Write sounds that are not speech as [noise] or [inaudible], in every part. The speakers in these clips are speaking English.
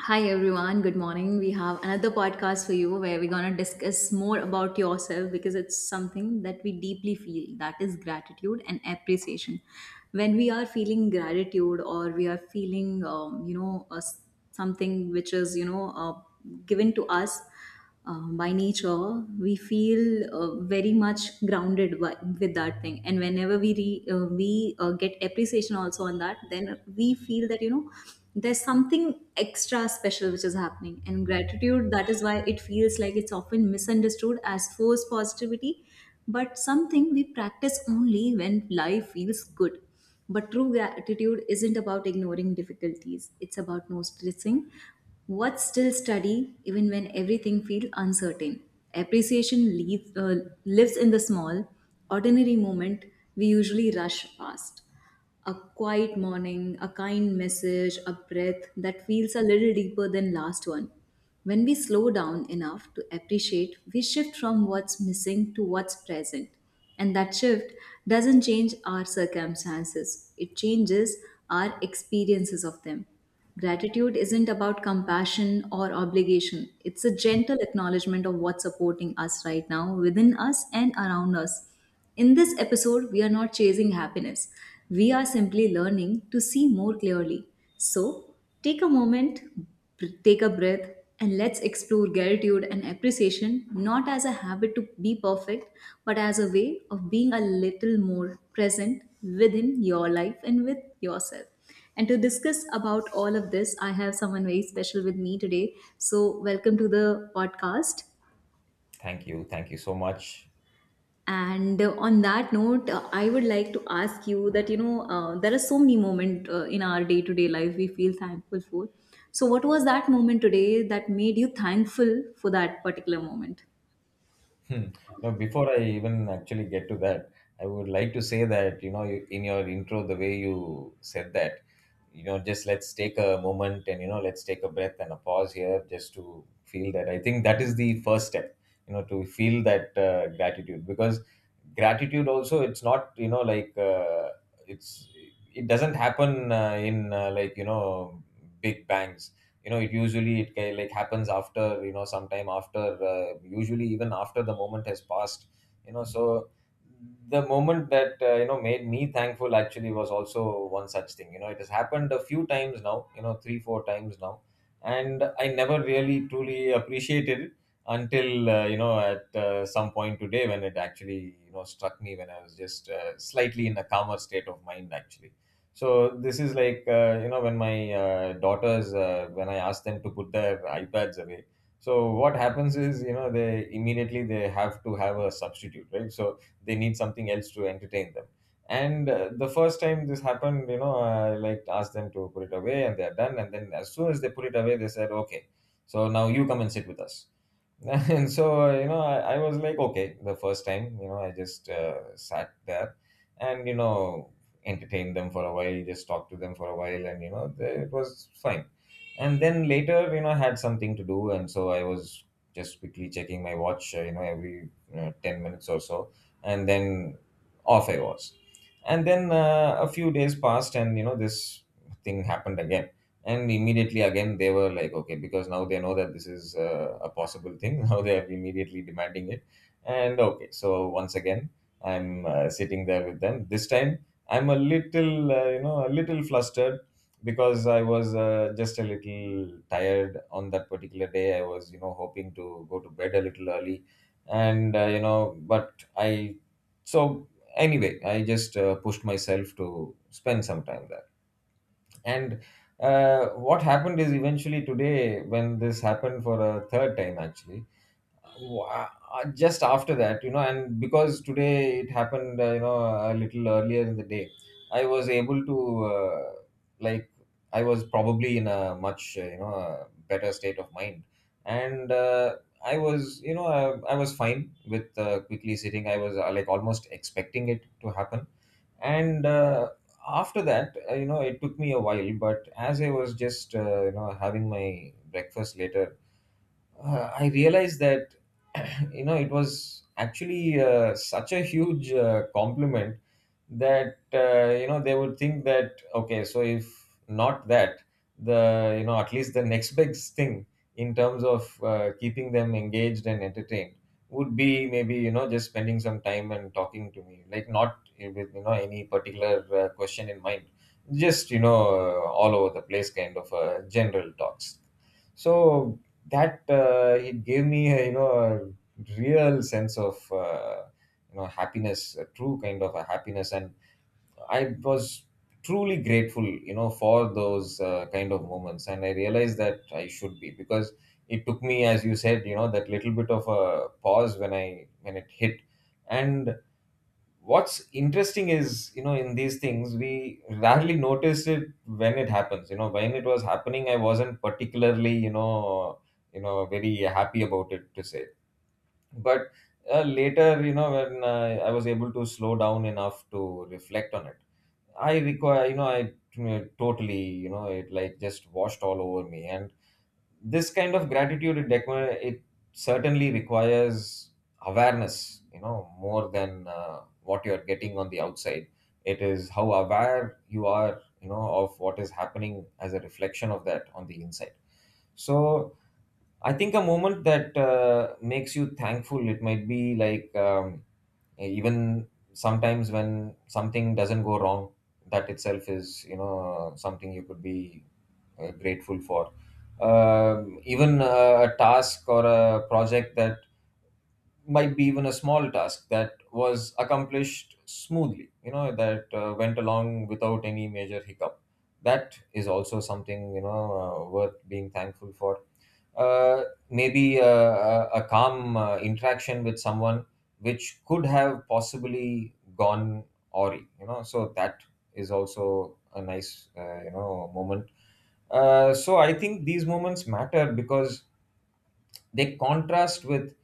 Hi everyone, good morning. We have another podcast for you where we're going to discuss more about yourself because it's something that we deeply feel that is gratitude and appreciation. When we are feeling gratitude or we are feeling, something which is, given to us, by nature we feel very much grounded by, with that thing and whenever we get appreciation also on that, then we feel that you know there's something extra special which is happening. And gratitude, that is why it feels like, it's often misunderstood as forced positivity, but something we practice only when life feels good. But true gratitude isn't about ignoring difficulties, it's about noticing what's still steady even when everything feels uncertain. Appreciation lives in the small, ordinary moment we usually rush past: a quiet morning, a kind message, a breath that feels a little deeper than last one. When we slow down enough to appreciate, we shift from what's missing to what's present. And that shift doesn't change our circumstances, it changes our experiences of them. Gratitude isn't about compassion or obligation. It's a gentle acknowledgement of what's supporting us right now, within us and around us. In this episode, we are not chasing happiness. We are simply learning to see more clearly. So, take a moment, take a breath, and let's explore gratitude and appreciation not as a habit to be perfect, but as a way of being a little more present within your life and with yourself. And to discuss about all of this, I have someone very special with me today. So, welcome to the podcast. Thank you. Thank you so much. [laughs] And on that note, I would like to ask you that you know, there are so many moments in our day to day life we feel thankful for. So, what was that moment today that made you thankful for that particular moment? Hmm. Now, before I even actually get to that, I would like to say that, you know, in your intro, the way you said that, you know, just let's take a moment and, you know, let's take a breath and a pause here just to feel that. I think that is the first step, you know, to feel that gratitude, because gratitude also, it's not, you know, like it's, it doesn't happen in like, you know, big bangs. You know, it usually like happens, after you know, sometime after, usually even after the moment has passed, you know. So the moment that, you know, made me thankful actually was also one such thing. You know, it has happened a few times now, you know, three four times now, and I never really truly appreciated it until, you know, at some point today when it actually, you know, struck me when I was just, slightly in a calmer state of mind actually. So this is like, you know, when my daughters, when I ask them to put their iPads away. So what happens is, you know, they immediately they have to have a substitute, right? So they need something else to entertain them. And, the first time this happened, you know, I like asked them to put it away, and they're done. And then as soon as they put it away, they said, "Okay, so now you come and sit with us." [laughs] And so, you know, I was like, okay, the first time, you know, I just sat there and, you know, entertained them for a while, just talked to them for a while, and, you know, it was fine. And then later, you know, I had something to do, and so I was just quickly checking my watch, you know, every, you know, 10 minutes or so. And then off I was. And then, a few days passed, and, you know, this thing happened again. And immediately again, they were like, okay, because now they know that this is, a possible thing. [laughs] Now they are immediately demanding it. And okay, so once again, I'm sitting there with them. This time, I'm a little, you know, a little flustered, because I was just a little tired on that particular day. I was, you know, hoping to go to bed a little early. And, you know, but I so anyway, I just pushed myself to spend some time there. And what happened is, eventually today when this happened for a third time actually. Just after that, you know, and because today it happened, you know, a little earlier in the day, I was able to, like, I was probably in a much, you know, better state of mind. And I was, you know, I was fine with, quickly sitting. I was, like, almost expecting it to happen. And after that, you know, it took me a while, but as I was just, you know, having my breakfast later, I realized that [clears throat] you know, it was actually such a huge compliment that, you know, they would think that okay, so if not that, the, you know, at least the next best thing in terms of keeping them engaged and entertained would be, maybe, you know, just spending some time and talking to me, like, not with, you know, any particular question in mind, just, you know, all over the place kind of general talks. So that it gave me a, you know, a real sense of, you know, happiness, a true kind of a happiness, and I was truly grateful, you know, for those kind of moments, and I realized that I should be, because it took me, as you said, you know, that little bit of a pause when I when it hit. And what's interesting is, you know, in these things we rarely notice it when it happens. You know, when it was happening, I wasn't particularly, you know, you know, very happy about it to say. But, later, you know, when, I was able to slow down enough to reflect on it, I totally, you know, it like just washed all over me. And this kind of gratitude it, it certainly requires awareness, you know, more than what you're getting on the outside. It is how aware you are, you know, of what is happening as a reflection of that on the inside. So I think a moment that makes you thankful, it might be like, even sometimes when something doesn't go wrong, that itself is, you know, something you could be grateful for. Even a task or a project that might be even a small task that was accomplished smoothly, you know, that went along without any major hiccup. That is also something, you know, worth being thankful for. uh, Maybe a calm interaction with someone which could have possibly gone awry, you know. So that is also a nice, you know, moment. So I think these moments matter because they contrast with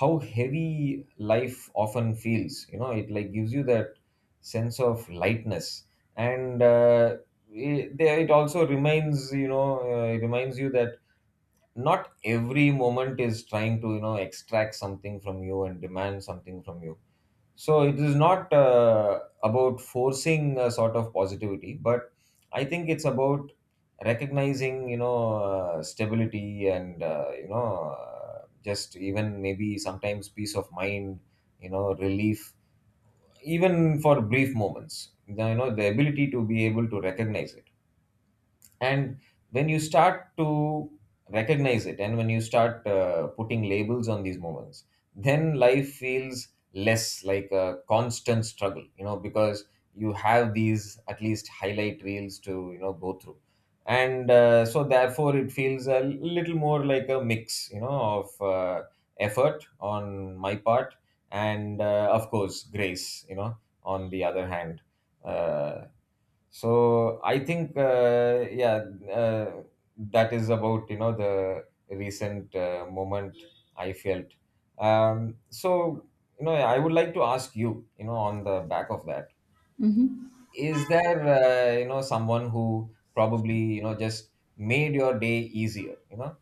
how heavy life often feels. You know, it like gives you that sense of lightness. And it also reminds, you know, it reminds you that not every moment is trying to, you know, extract something from you and demand something from you. So it is not about forcing a sort of positivity, but I think it's about recognizing, you know, stability and, you know, just even, maybe sometimes, peace of mind, you know, relief, even for brief moments. You know, the ability to be able to recognize it, and when you start to recognize it and when you start putting labels on these moments, then life feels less like a constant struggle, you know, because you have these at least highlight reels to, you know, go through. And so therefore it feels a little more like a mix, you know, of effort on my part, and of course grace, you know, on the other hand. Uh, so I think, yeah, uh, that is about, you know, the recent moment I felt. So, you know, I would like to ask you, you know, on the back of that, Mm-hmm. is there, you know, someone who probably, you know, just made your day easier? You know,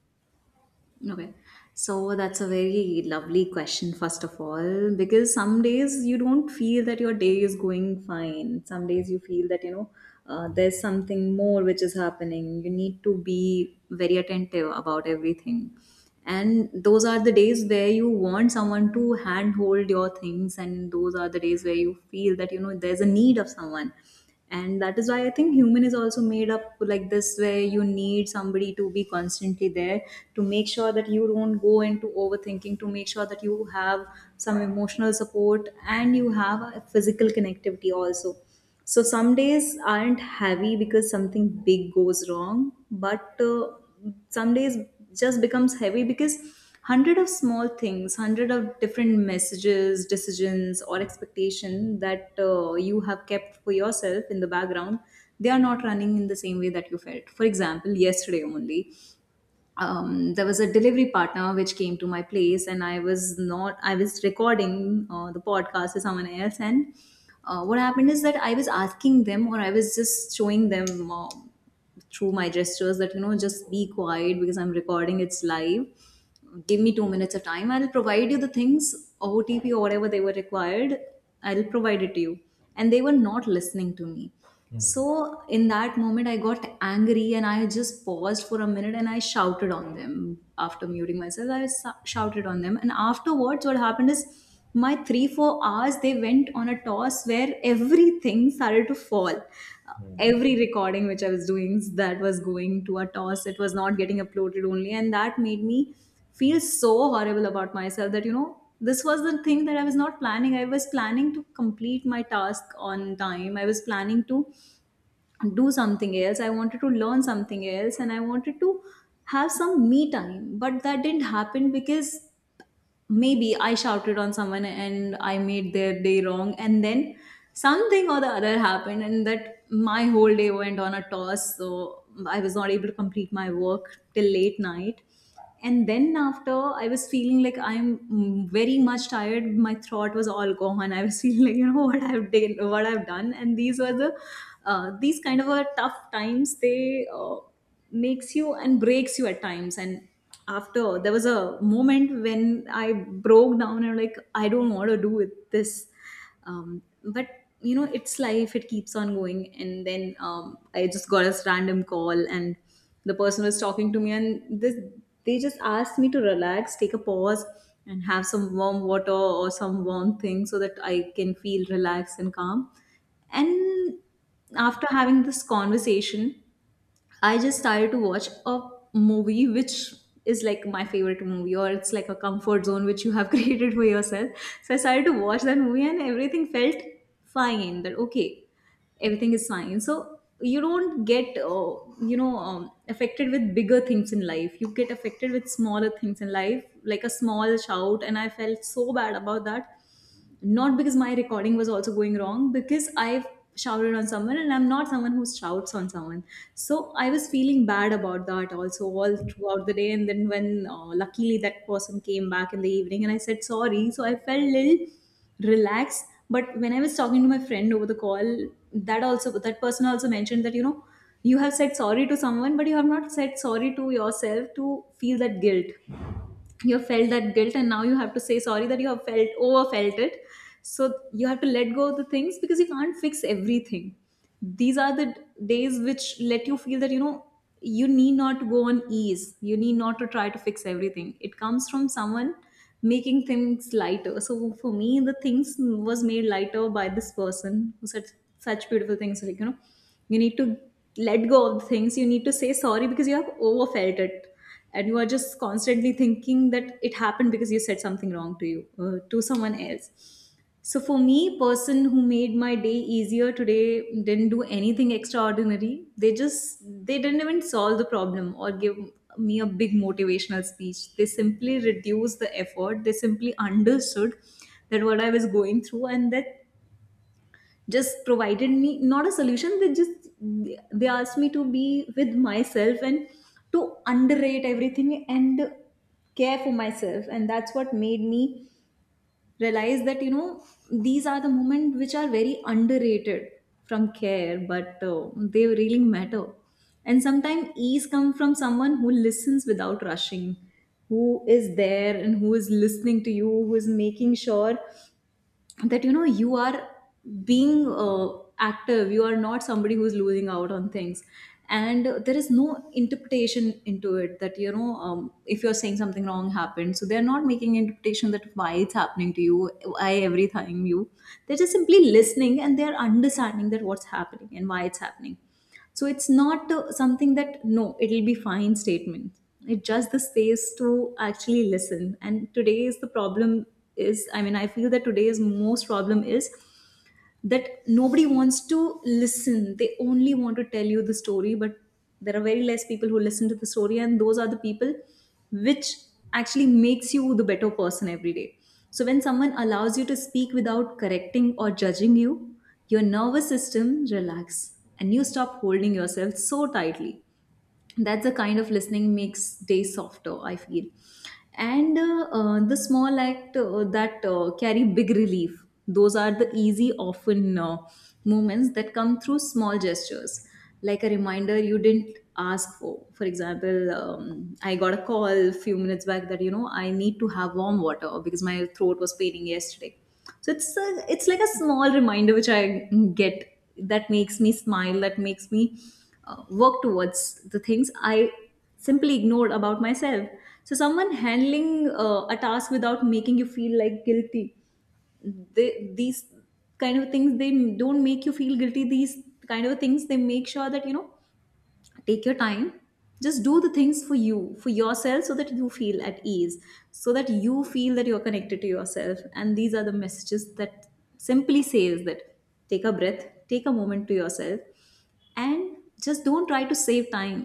Okay. So that's a very lovely question, first of all, because some days you don't feel that your day is going fine. Some days you feel that, you know, there's something more which is happening. You need to be very attentive about everything. And those are the days where you want someone to handhold your things, and those are the days where you feel that, you know, there's a need of someone. And that is why I think human is also made up like this, where you need somebody to be constantly there to make sure that you don't go into overthinking, to make sure that you have some emotional support and you have a physical connectivity also. So some days aren't heavy because something big goes wrong, but some days just becomes heavy because hundred of small things, hundred of different messages, decisions or expectation that you have kept for yourself in the background, they are not running in the same way that you felt. For example, yesterday only, there was a delivery partner which came to my place and I was not I was recording the podcast with someone else. And what happened is that I was asking them, or I was just showing them, through my gestures, that you know, just be quiet because I'm recording, it's live, give me 2 minutes of time. I'll provide you the things, OTP or whatever they were required. I'll provide it to you. And they were not listening to me. Hmm. So in that moment, I got angry and I just paused for a minute and I shouted on them. After muting myself, shouted on them. And afterwards, what happened is my three, 4 hours, they went on a toss, where everything started to fall, Hmm. Hmm. every recording which I was doing, that was going to a toss. It was not getting uploaded only. And that made me feel so horrible about myself that, you know, this was the thing that I was not planning. I was planning to complete my task on time. I was planning to do something else. I wanted to learn something else and I wanted to have some me time. But that didn't happen because maybe I shouted on someone and I made their day wrong, and then something or the other happened, and that my whole day went on a toss. So I was not able to complete my work till late night. And then after, I was feeling like I'm very much tired. My throat was all gone. I was [laughs] feeling like you know [laughs] what I've done, what I've done. And these were the these kind of tough times. They makes you and breaks you at times. And after, there was a moment when I broke down and like, I don't want to do with this. But you know, it's life, it keeps on going. And then I just got a random call and the person was talking to me, and this, they just asked me to relax, take a pause, and have some warm water or some warm thing so that I can feel relaxed and calm. And after having this conversation, I just started to watch a movie, which is like my favorite movie, or it's like a comfort zone which you have [laughs] created for yourself. So I started to watch that movie and everything felt fine, that okay, everything is fine. So you don't get affected with bigger things in life. You get affected with smaller things in life, like a small shout, and I felt so bad about that, not because my recording was also going wrong, because I've shouted on someone and I'm not someone who shouts on someone. So I was feeling bad about that also all throughout the day. And then when luckily that person came back in the evening and I said sorry, so I felt a little relaxed. But when I was talking to my friend over the call, that also, that person also mentioned that you know, you have said sorry to someone, but you have not said sorry to yourself to feel that guilt. You have felt that guilt and now you have to say sorry that you have felt, overfelt it. So you have to let go of the things because you can't fix everything. These are the days which let you feel that you know, you need not go on ease, you need not to try to fix everything. It comes from someone making things lighter. So for me, the things was made lighter by this person who said such beautiful things, like you know, you need to let go of the things, you need to say sorry because you have overfelt it, and you are just constantly thinking that it happened because you said something wrong to you, to someone else. So for me, person who made my day easier today didn't do anything extraordinary. They just, they didn't even solve the problem or give me a big motivational speech. They simply reduced the effort, they simply understood that what I was going through, and that just provided me, not a solution, they just, they asked me to be with myself and to underrate everything and care for myself. And that's what made me realize that you know, these are the moments which are very underrated from care, but they really matter. And sometimes ease comes from someone who listens without rushing, who is there and who is listening to you, who is making sure that you know, you are being active, you are not somebody who's losing out on things. And there is no interpretation into it, that you know if you're saying something wrong happened, so they're not making interpretation that why it's happening to you, why every time you, they're just simply listening and they're understanding that what's happening and why it's happening. So it's not something that, no it'll be fine statement, it's just the space to actually listen. And today's the problem is, I mean, I feel that today's most problem is that nobody wants to listen. They only want to tell you the story, but there are very less people who listen to the story, and those are the people which actually makes you the better person every day. So when someone allows you to speak without correcting or judging you, your nervous system relax and you stop holding yourself so tightly. That's the kind of listening makes day softer, I feel. And the small act that carry big relief, those are the easy often moments that come through small gestures, like a reminder you didn't ask for. For example, I got a call a few minutes back that, you know, I need to have warm water because my throat was paining yesterday. So it's like a small reminder which I get, that makes me smile, that makes me work towards the things I simply ignored about myself. So someone handling a task without making you feel like guilty, these kind of things, they don't make you feel guilty. These kind of things, they make sure that, you know, take your time, just do the things for you, for yourself, so that you feel at ease, so that you feel that you're connected to yourself. And these are the messages that simply says that take a breath, take a moment to yourself, and just don't try to save time.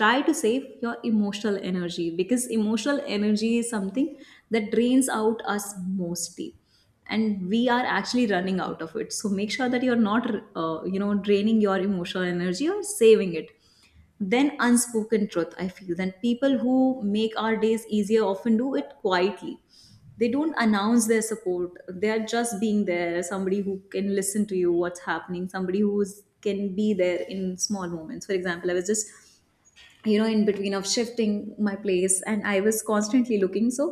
Try to save your emotional energy, because emotional energy is something that drains out us mostly, and we are actually running out of it. So make sure that you're not you know, draining your emotional energy, or saving it. Then unspoken truth, I feel that people who make our days easier often do it quietly. They don't announce their support, they are just being there. Somebody who can listen to you what's happening, somebody who can be there in small moments. For example, I was just, you know, in between of shifting my place and I was constantly looking. So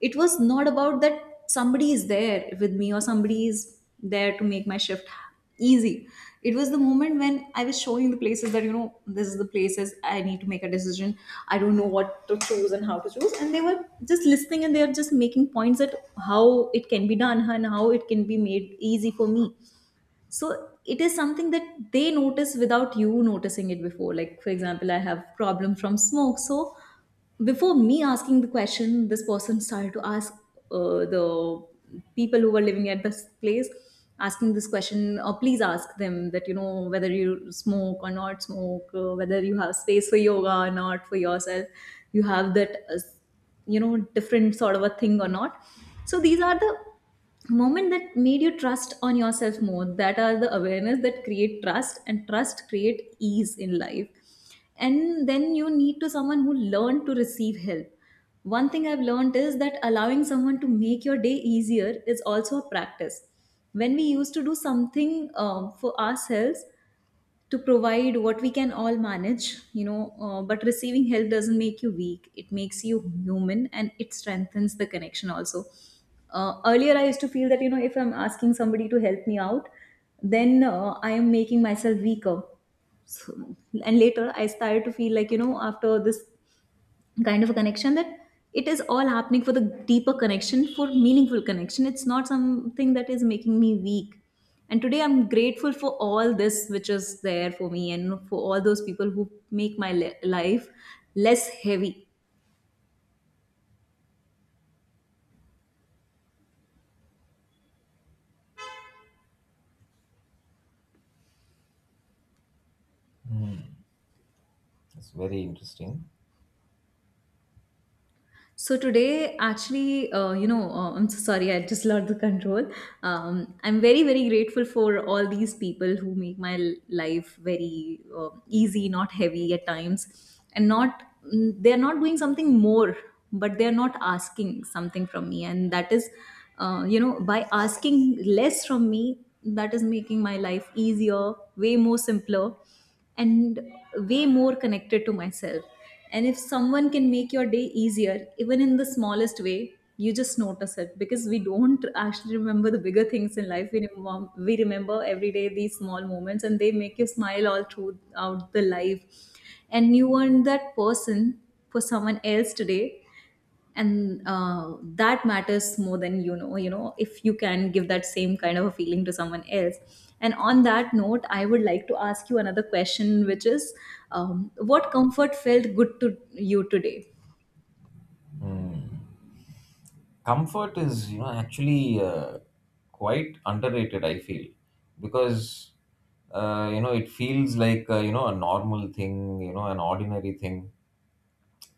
it was not about that somebody is there with me or somebody is there to make my shift easy. It was the moment when I was showing the places that, you know, this is the places I need to make a decision. I don't know what to choose and how to choose, and they were just listening, and they are just making points at how it can be done and how it can be made easy for me. So it is something that they notice without you noticing it before. Like, for example, I have problem from smoke, so before me asking the question, this person started to ask the people who were living at this place, asking this question, or please ask them that, you know, whether you smoke or not smoke, whether you have space for yoga or not for yourself, you have that you know, different sort of a thing or not. So these are the moment that made you trust on yourself more. That are the awareness that create trust, and trust create ease in life. And then you need to someone who learn to receive help. One thing I've learned is that allowing someone to make your day easier is also a practice. When we used to do something for ourselves, to provide what we can all manage, you know, but receiving help doesn't make you weak, it makes you human, and it strengthens the connection also. Earlier I used to feel that, you know, if I'm asking somebody to help me out, then I am making myself weaker. So, and later I started to feel like, you know, after this kind of a connection, that it is all happening for the deeper connection, for meaningful connection. It's not something that is making me weak. And today I'm grateful for all this which is there for me, and for all those people who make my life less heavy. Hmm. It's very interesting. So today, actually, I'm so sorry, I just lost the control. I'm very, very grateful for all these people who make my life very easy, not heavy at times, and not, they're not doing something more, but they're not asking something from me, and that is, you know, by asking less from me, that is making my life easier, way more simpler, and way more connected to myself. And if someone can make your day easier, even in the smallest way, you just notice it, because we don't actually remember the bigger things in life. We, we remember every day these small moments, and they make you smile all throughout the life. And you weren't that person for someone else today, and that matters more than you know. You know, if you can give that same kind of a feeling to someone else. And on that note, I would like to ask you another question, which is, what comfort felt good to you today? Hmm. Comfort is, you know, actually quite underrated, I feel, because you know, it feels like, you know, a normal thing, you know, an ordinary thing,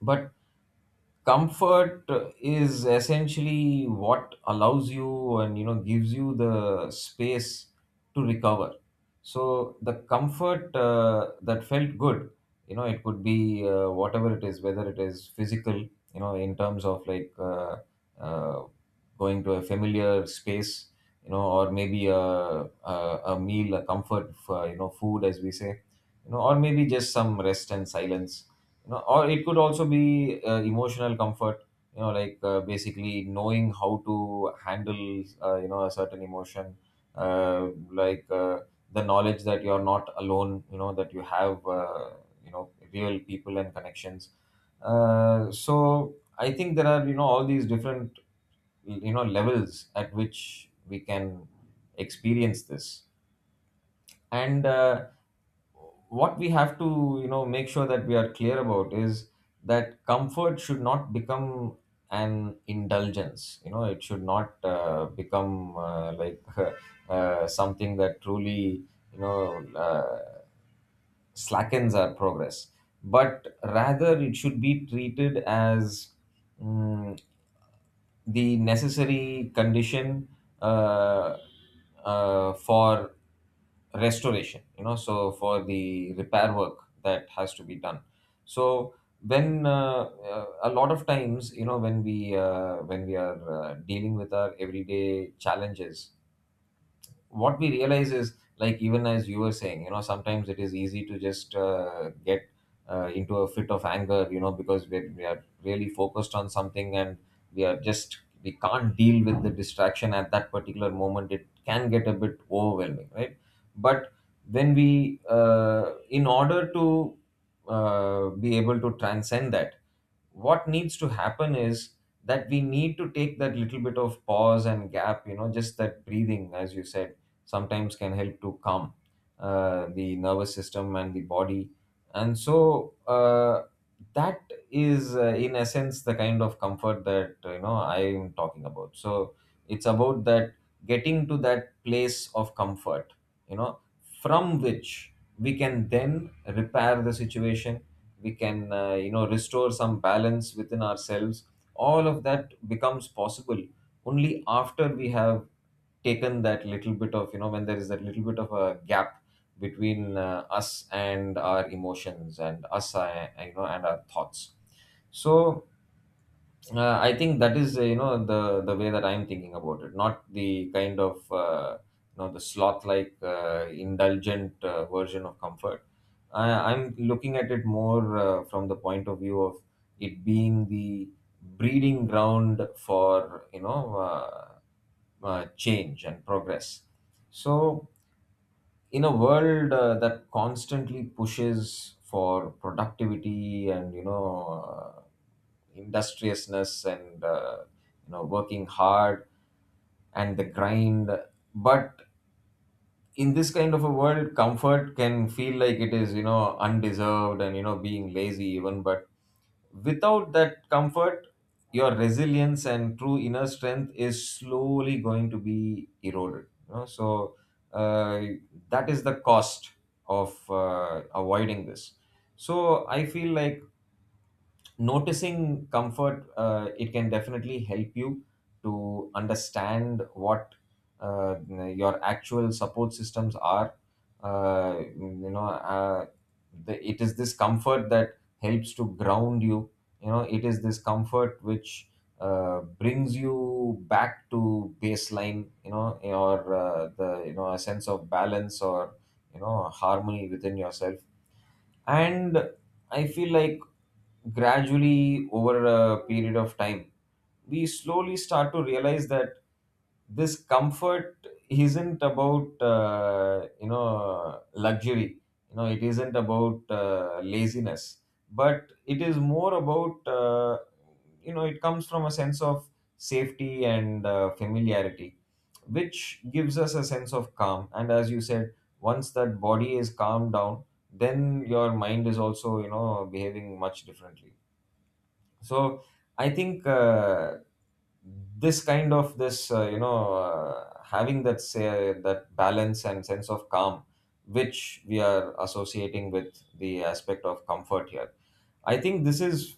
but comfort is essentially what allows you and, you know, gives you the space to recover. So the comfort that felt good, you know, it could be whatever it is, whether it is physical, you know, in terms of like, uh, going to a familiar space, you know, or maybe a, a meal, a comfort, you know, food, as we say, you know, or maybe just some rest and silence, you know, or it could also be emotional comfort, you know, like, basically knowing how to handle, you know, a certain emotion, uh, like uh, the knowledge that you're not alone, you know, that you have, you know, real people and connections. So I think there are, you know, all these different, you know, levels at which we can experience this. And what we have to, you know, make sure that we are clear about is that comfort should not become an indulgence, you know. It should not become like [laughs] something that truly, you know, slackens our progress, but rather it should be treated as, mm, the necessary condition, uh, for restoration, you know, so for the repair work that has to be done. So when, a lot of times, you know, when we are dealing with our everyday challenges, what we realize is, like, even as you were saying, you know, sometimes it is easy to just get into a fit of anger, you know, because we are really focused on something and we are just we can't deal with the distraction at that particular moment. It can get a bit overwhelming, right? But when we, in order to, be able to transcend that, what needs to happen is that we need to take that little bit of pause and gap. You know, just that breathing, as you Said sometimes can help to calm the nervous system and the body. And so, that is, in essence, the kind of comfort that I am talking about. So it's about that, getting to that place of comfort, you know, from which we can then repair the situation. We can, you know, restore some balance within ourselves. All of that becomes possible only after we have taken that little bit of, you know, when there is that little bit of a gap between us and our emotions and us, you know, and our thoughts. So I think that is, you know, the way that I'm thinking about it, not the kind of, you know, the sloth-like, indulgent, version of comfort. I'm looking at it more from the point of view of it being the breeding ground for, you know, change and progress. So in a world that constantly pushes for productivity and, you know, industriousness and, you know, working hard and the grind. But in this kind of a world, comfort can feel like it is, you know, undeserved and, you know, being lazy even. But without that comfort, your resilience and true inner strength is slowly going to be eroded. You know? So uh, that is the cost of avoiding this. So I feel like noticing comfort, it can definitely help you to understand what your actual support systems are. uh, you know uh, it is this comfort that helps to ground you. You know, it is this comfort which, brings you back to baseline, you know, or, the, you know, a sense of balance or, you know, harmony within yourself. And I feel like gradually, over a period of time, we slowly start to realize that this comfort isn't about, you know, luxury. You know, it isn't about, laziness, but it is more about, you know, it comes from a sense of safety and, familiarity, which gives us a sense of calm. And as you said, once that body is calmed down, then your mind is also, you know, behaving much differently. So I think, this kind of this you know, having that, say, that balance and sense of calm, which we are associating with the aspect of comfort here, I think this is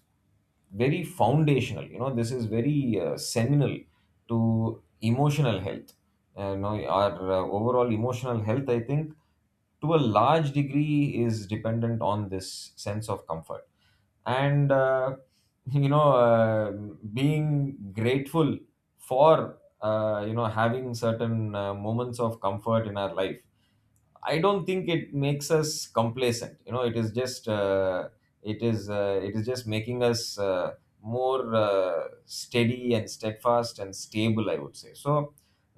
very foundational. You know, this is very seminal to emotional health. You know, our overall emotional health, I think, to a large degree is dependent on this sense of comfort. And [laughs] you know uh, being grateful for, you know, having certain moments of comfort in our life, I don't think it makes us complacent. You know, it is just, it is, it is just making us uh, more uh, steady and steadfast and stable, I would say. So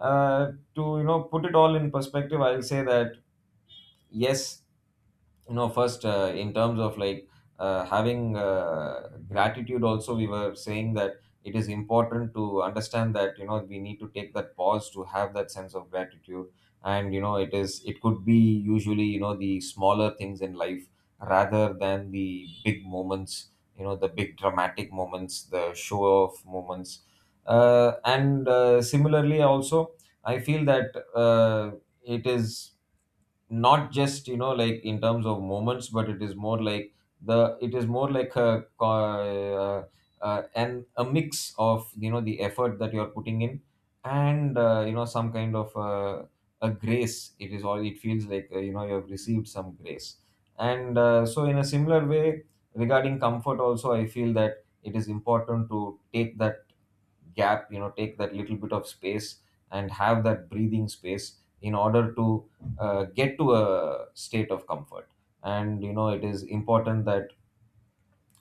uh, to, you know, put it all in perspective, I'll say that, yes, you know, first, in terms of like, having, gratitude, also we were saying that it is important to understand that, you know, we need to take that pause to have that sense of gratitude. And you know, it is, it could be, usually, you know, the smaller things in life, rather than the big moments, you know, the big dramatic moments, the show off moments. And, similarly also, I feel that, it is not just, you know, like in terms of moments, but it is more like the it is more like a and a mix of, you know, the effort that you're putting in, and, you know, some kind of, a grace. It is all, it feels like, you know, you have received some grace. And, so in a similar way, regarding comfort also, I feel that it is important to take that gap, you know, take that little bit of space and have that breathing space in order to get to a state of comfort. And you know, it is important that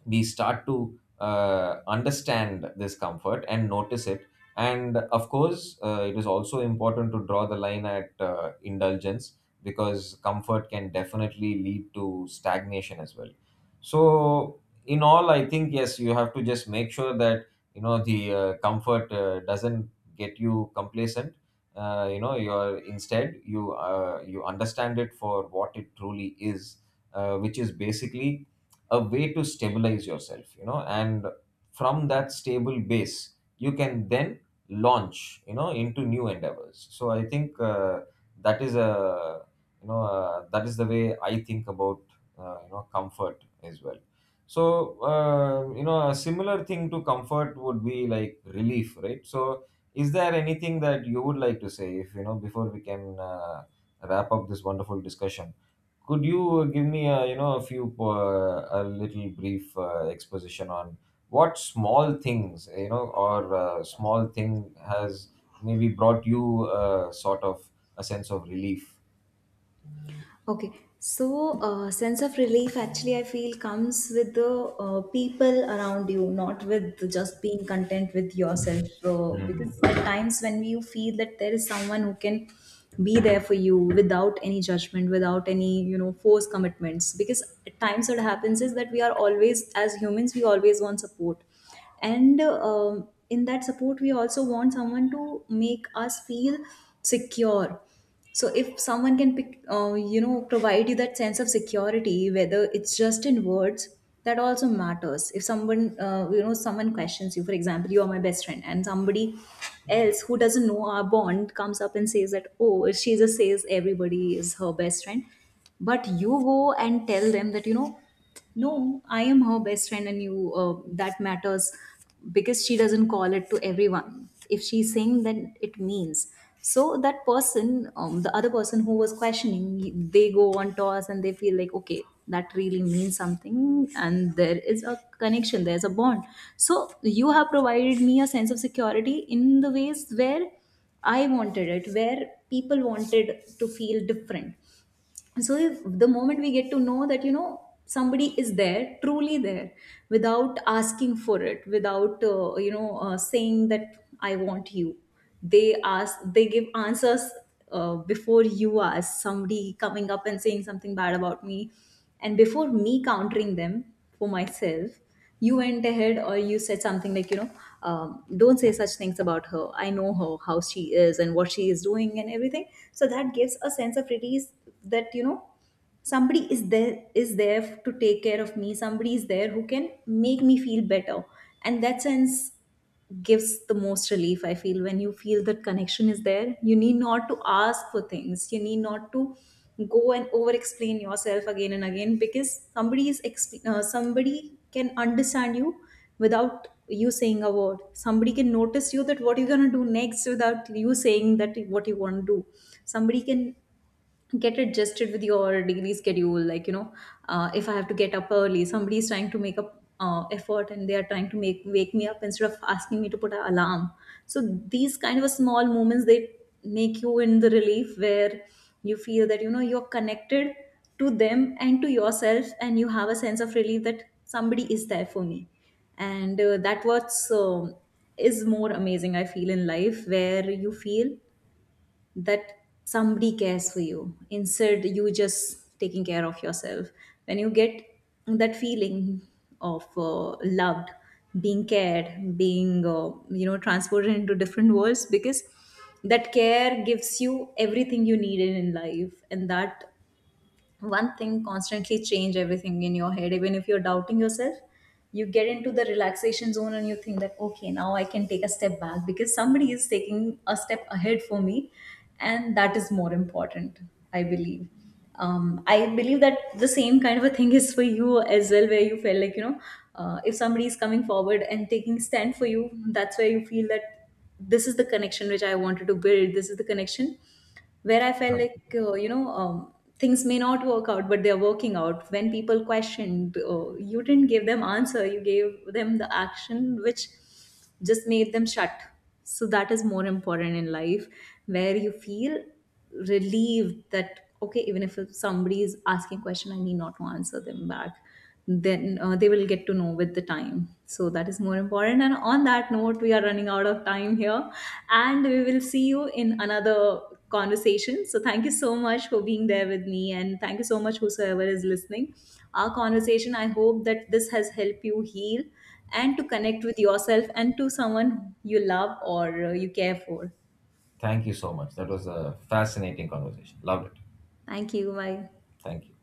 we start to understand this comfort and notice it. And of course, it is also important to draw the line at indulgence, because comfort can definitely lead to stagnation as well. So, in all, I think, yes, you have to just make sure that, you know, the comfort doesn't get you complacent. You know, you're, instead, you, you understand it for what it truly is, which is basically a way to stabilize yourself, you know, and from that stable base you can then launch, you know, into new endeavors. So I think, that is a, that is the way I think about, you know, comfort as well. So you know, a similar thing to comfort would be like relief, right? So is there anything that you would like to say, if, you know, before we can wrap up this wonderful discussion? Could you give me a, you know, a few, a little brief exposition on what small things, you know, or small thing has maybe brought you sort of a sense of relief? Okay, so sense of relief actually I feel comes with the people around you, not with just being content with yourself. So, because Hmm. at times when you feel that there is someone who can be there for you without any judgment, without any, you know, forced commitments. Because at times what happens is that we are always, as humans, we always want support, and in that support we also want someone to make us feel secure. So if someone can pick you know, provide you that sense of security, whether it's just in words, that also matters. If someone you know, someone questions you, for example, you are my best friend, and somebody else who doesn't know our bond comes up and says that, oh, she just says everybody is her best friend, but you go and tell them that, you know, no, I am her best friend, and you that matters, because she doesn't call it to everyone. If she's saying, then it means. So that person, the other person who was questioning, they go on toss and they feel like, okay, that really means something, and there is a connection, there's a bond. So you have provided me a sense of security in the ways where I wanted it, where people wanted to feel different. So if the moment we get to know that, you know, somebody is there, truly there, without asking for it, without you know, saying that I want you, they ask, they give answers before you ask. Somebody coming up and saying something bad about me, and before me countering them for myself, you went ahead, or you said something like, you know, don't say such things about her, I know her, how she is and what she is doing and everything. So that gives a sense of release, that, you know, somebody is there, is there to take care of me, somebody is there who can make me feel better. And that sense gives the most relief, I feel, when you feel that connection is there. You need not to ask for things, you need not to go and over explain yourself again and again, because somebody is somebody can understand you without you saying a word. Somebody can notice you, that what you're going to do next, without you saying that what you want to do. Somebody can get adjusted with your daily schedule, like, you know, if I have to get up early, somebody is trying to make up effort and they are trying to make wake me up instead of asking me to put an alarm. So these kind of small moments, they make you in the relief where you feel that, you know, you're connected to them and to yourself, and you have a sense of relief that somebody is there for me. And that what's is more amazing I feel in life, where you feel that somebody cares for you instead you just taking care of yourself. When you get that feeling of loved, being cared, being you know, transported into different worlds, because that care gives you everything you needed in life. And that one thing constantly change everything in your head. Even if you're doubting yourself, you get into the relaxation zone and you think that, okay, now I can take a step back, because somebody is taking a step ahead for me. And that is more important, I believe. I believe that the same kind of a thing is for you as well, where you feel like, you know, if somebody is coming forward and taking stand for you, that's where you feel that this is the connection which I wanted to build. This is the connection where I felt Okay. like, things may not work out, but they're working out. When people questioned, you didn't give them answer, you gave them the action which just made them shut. So that is more important in life, where you feel relieved that, okay, even if somebody is asking a question, I need not to answer them back, then they will get to know with the time. So that is more important, and on that note, we are running out of time here, and we will see you in another conversation. So thank you so much for being there with me, and thank you so much, whosoever is listening our conversation. I hope that this has helped you heal, and to connect with yourself and to someone you love, or you care for. Thank you so much. That was a fascinating conversation. Loved it. Thank you, bye. Thank you.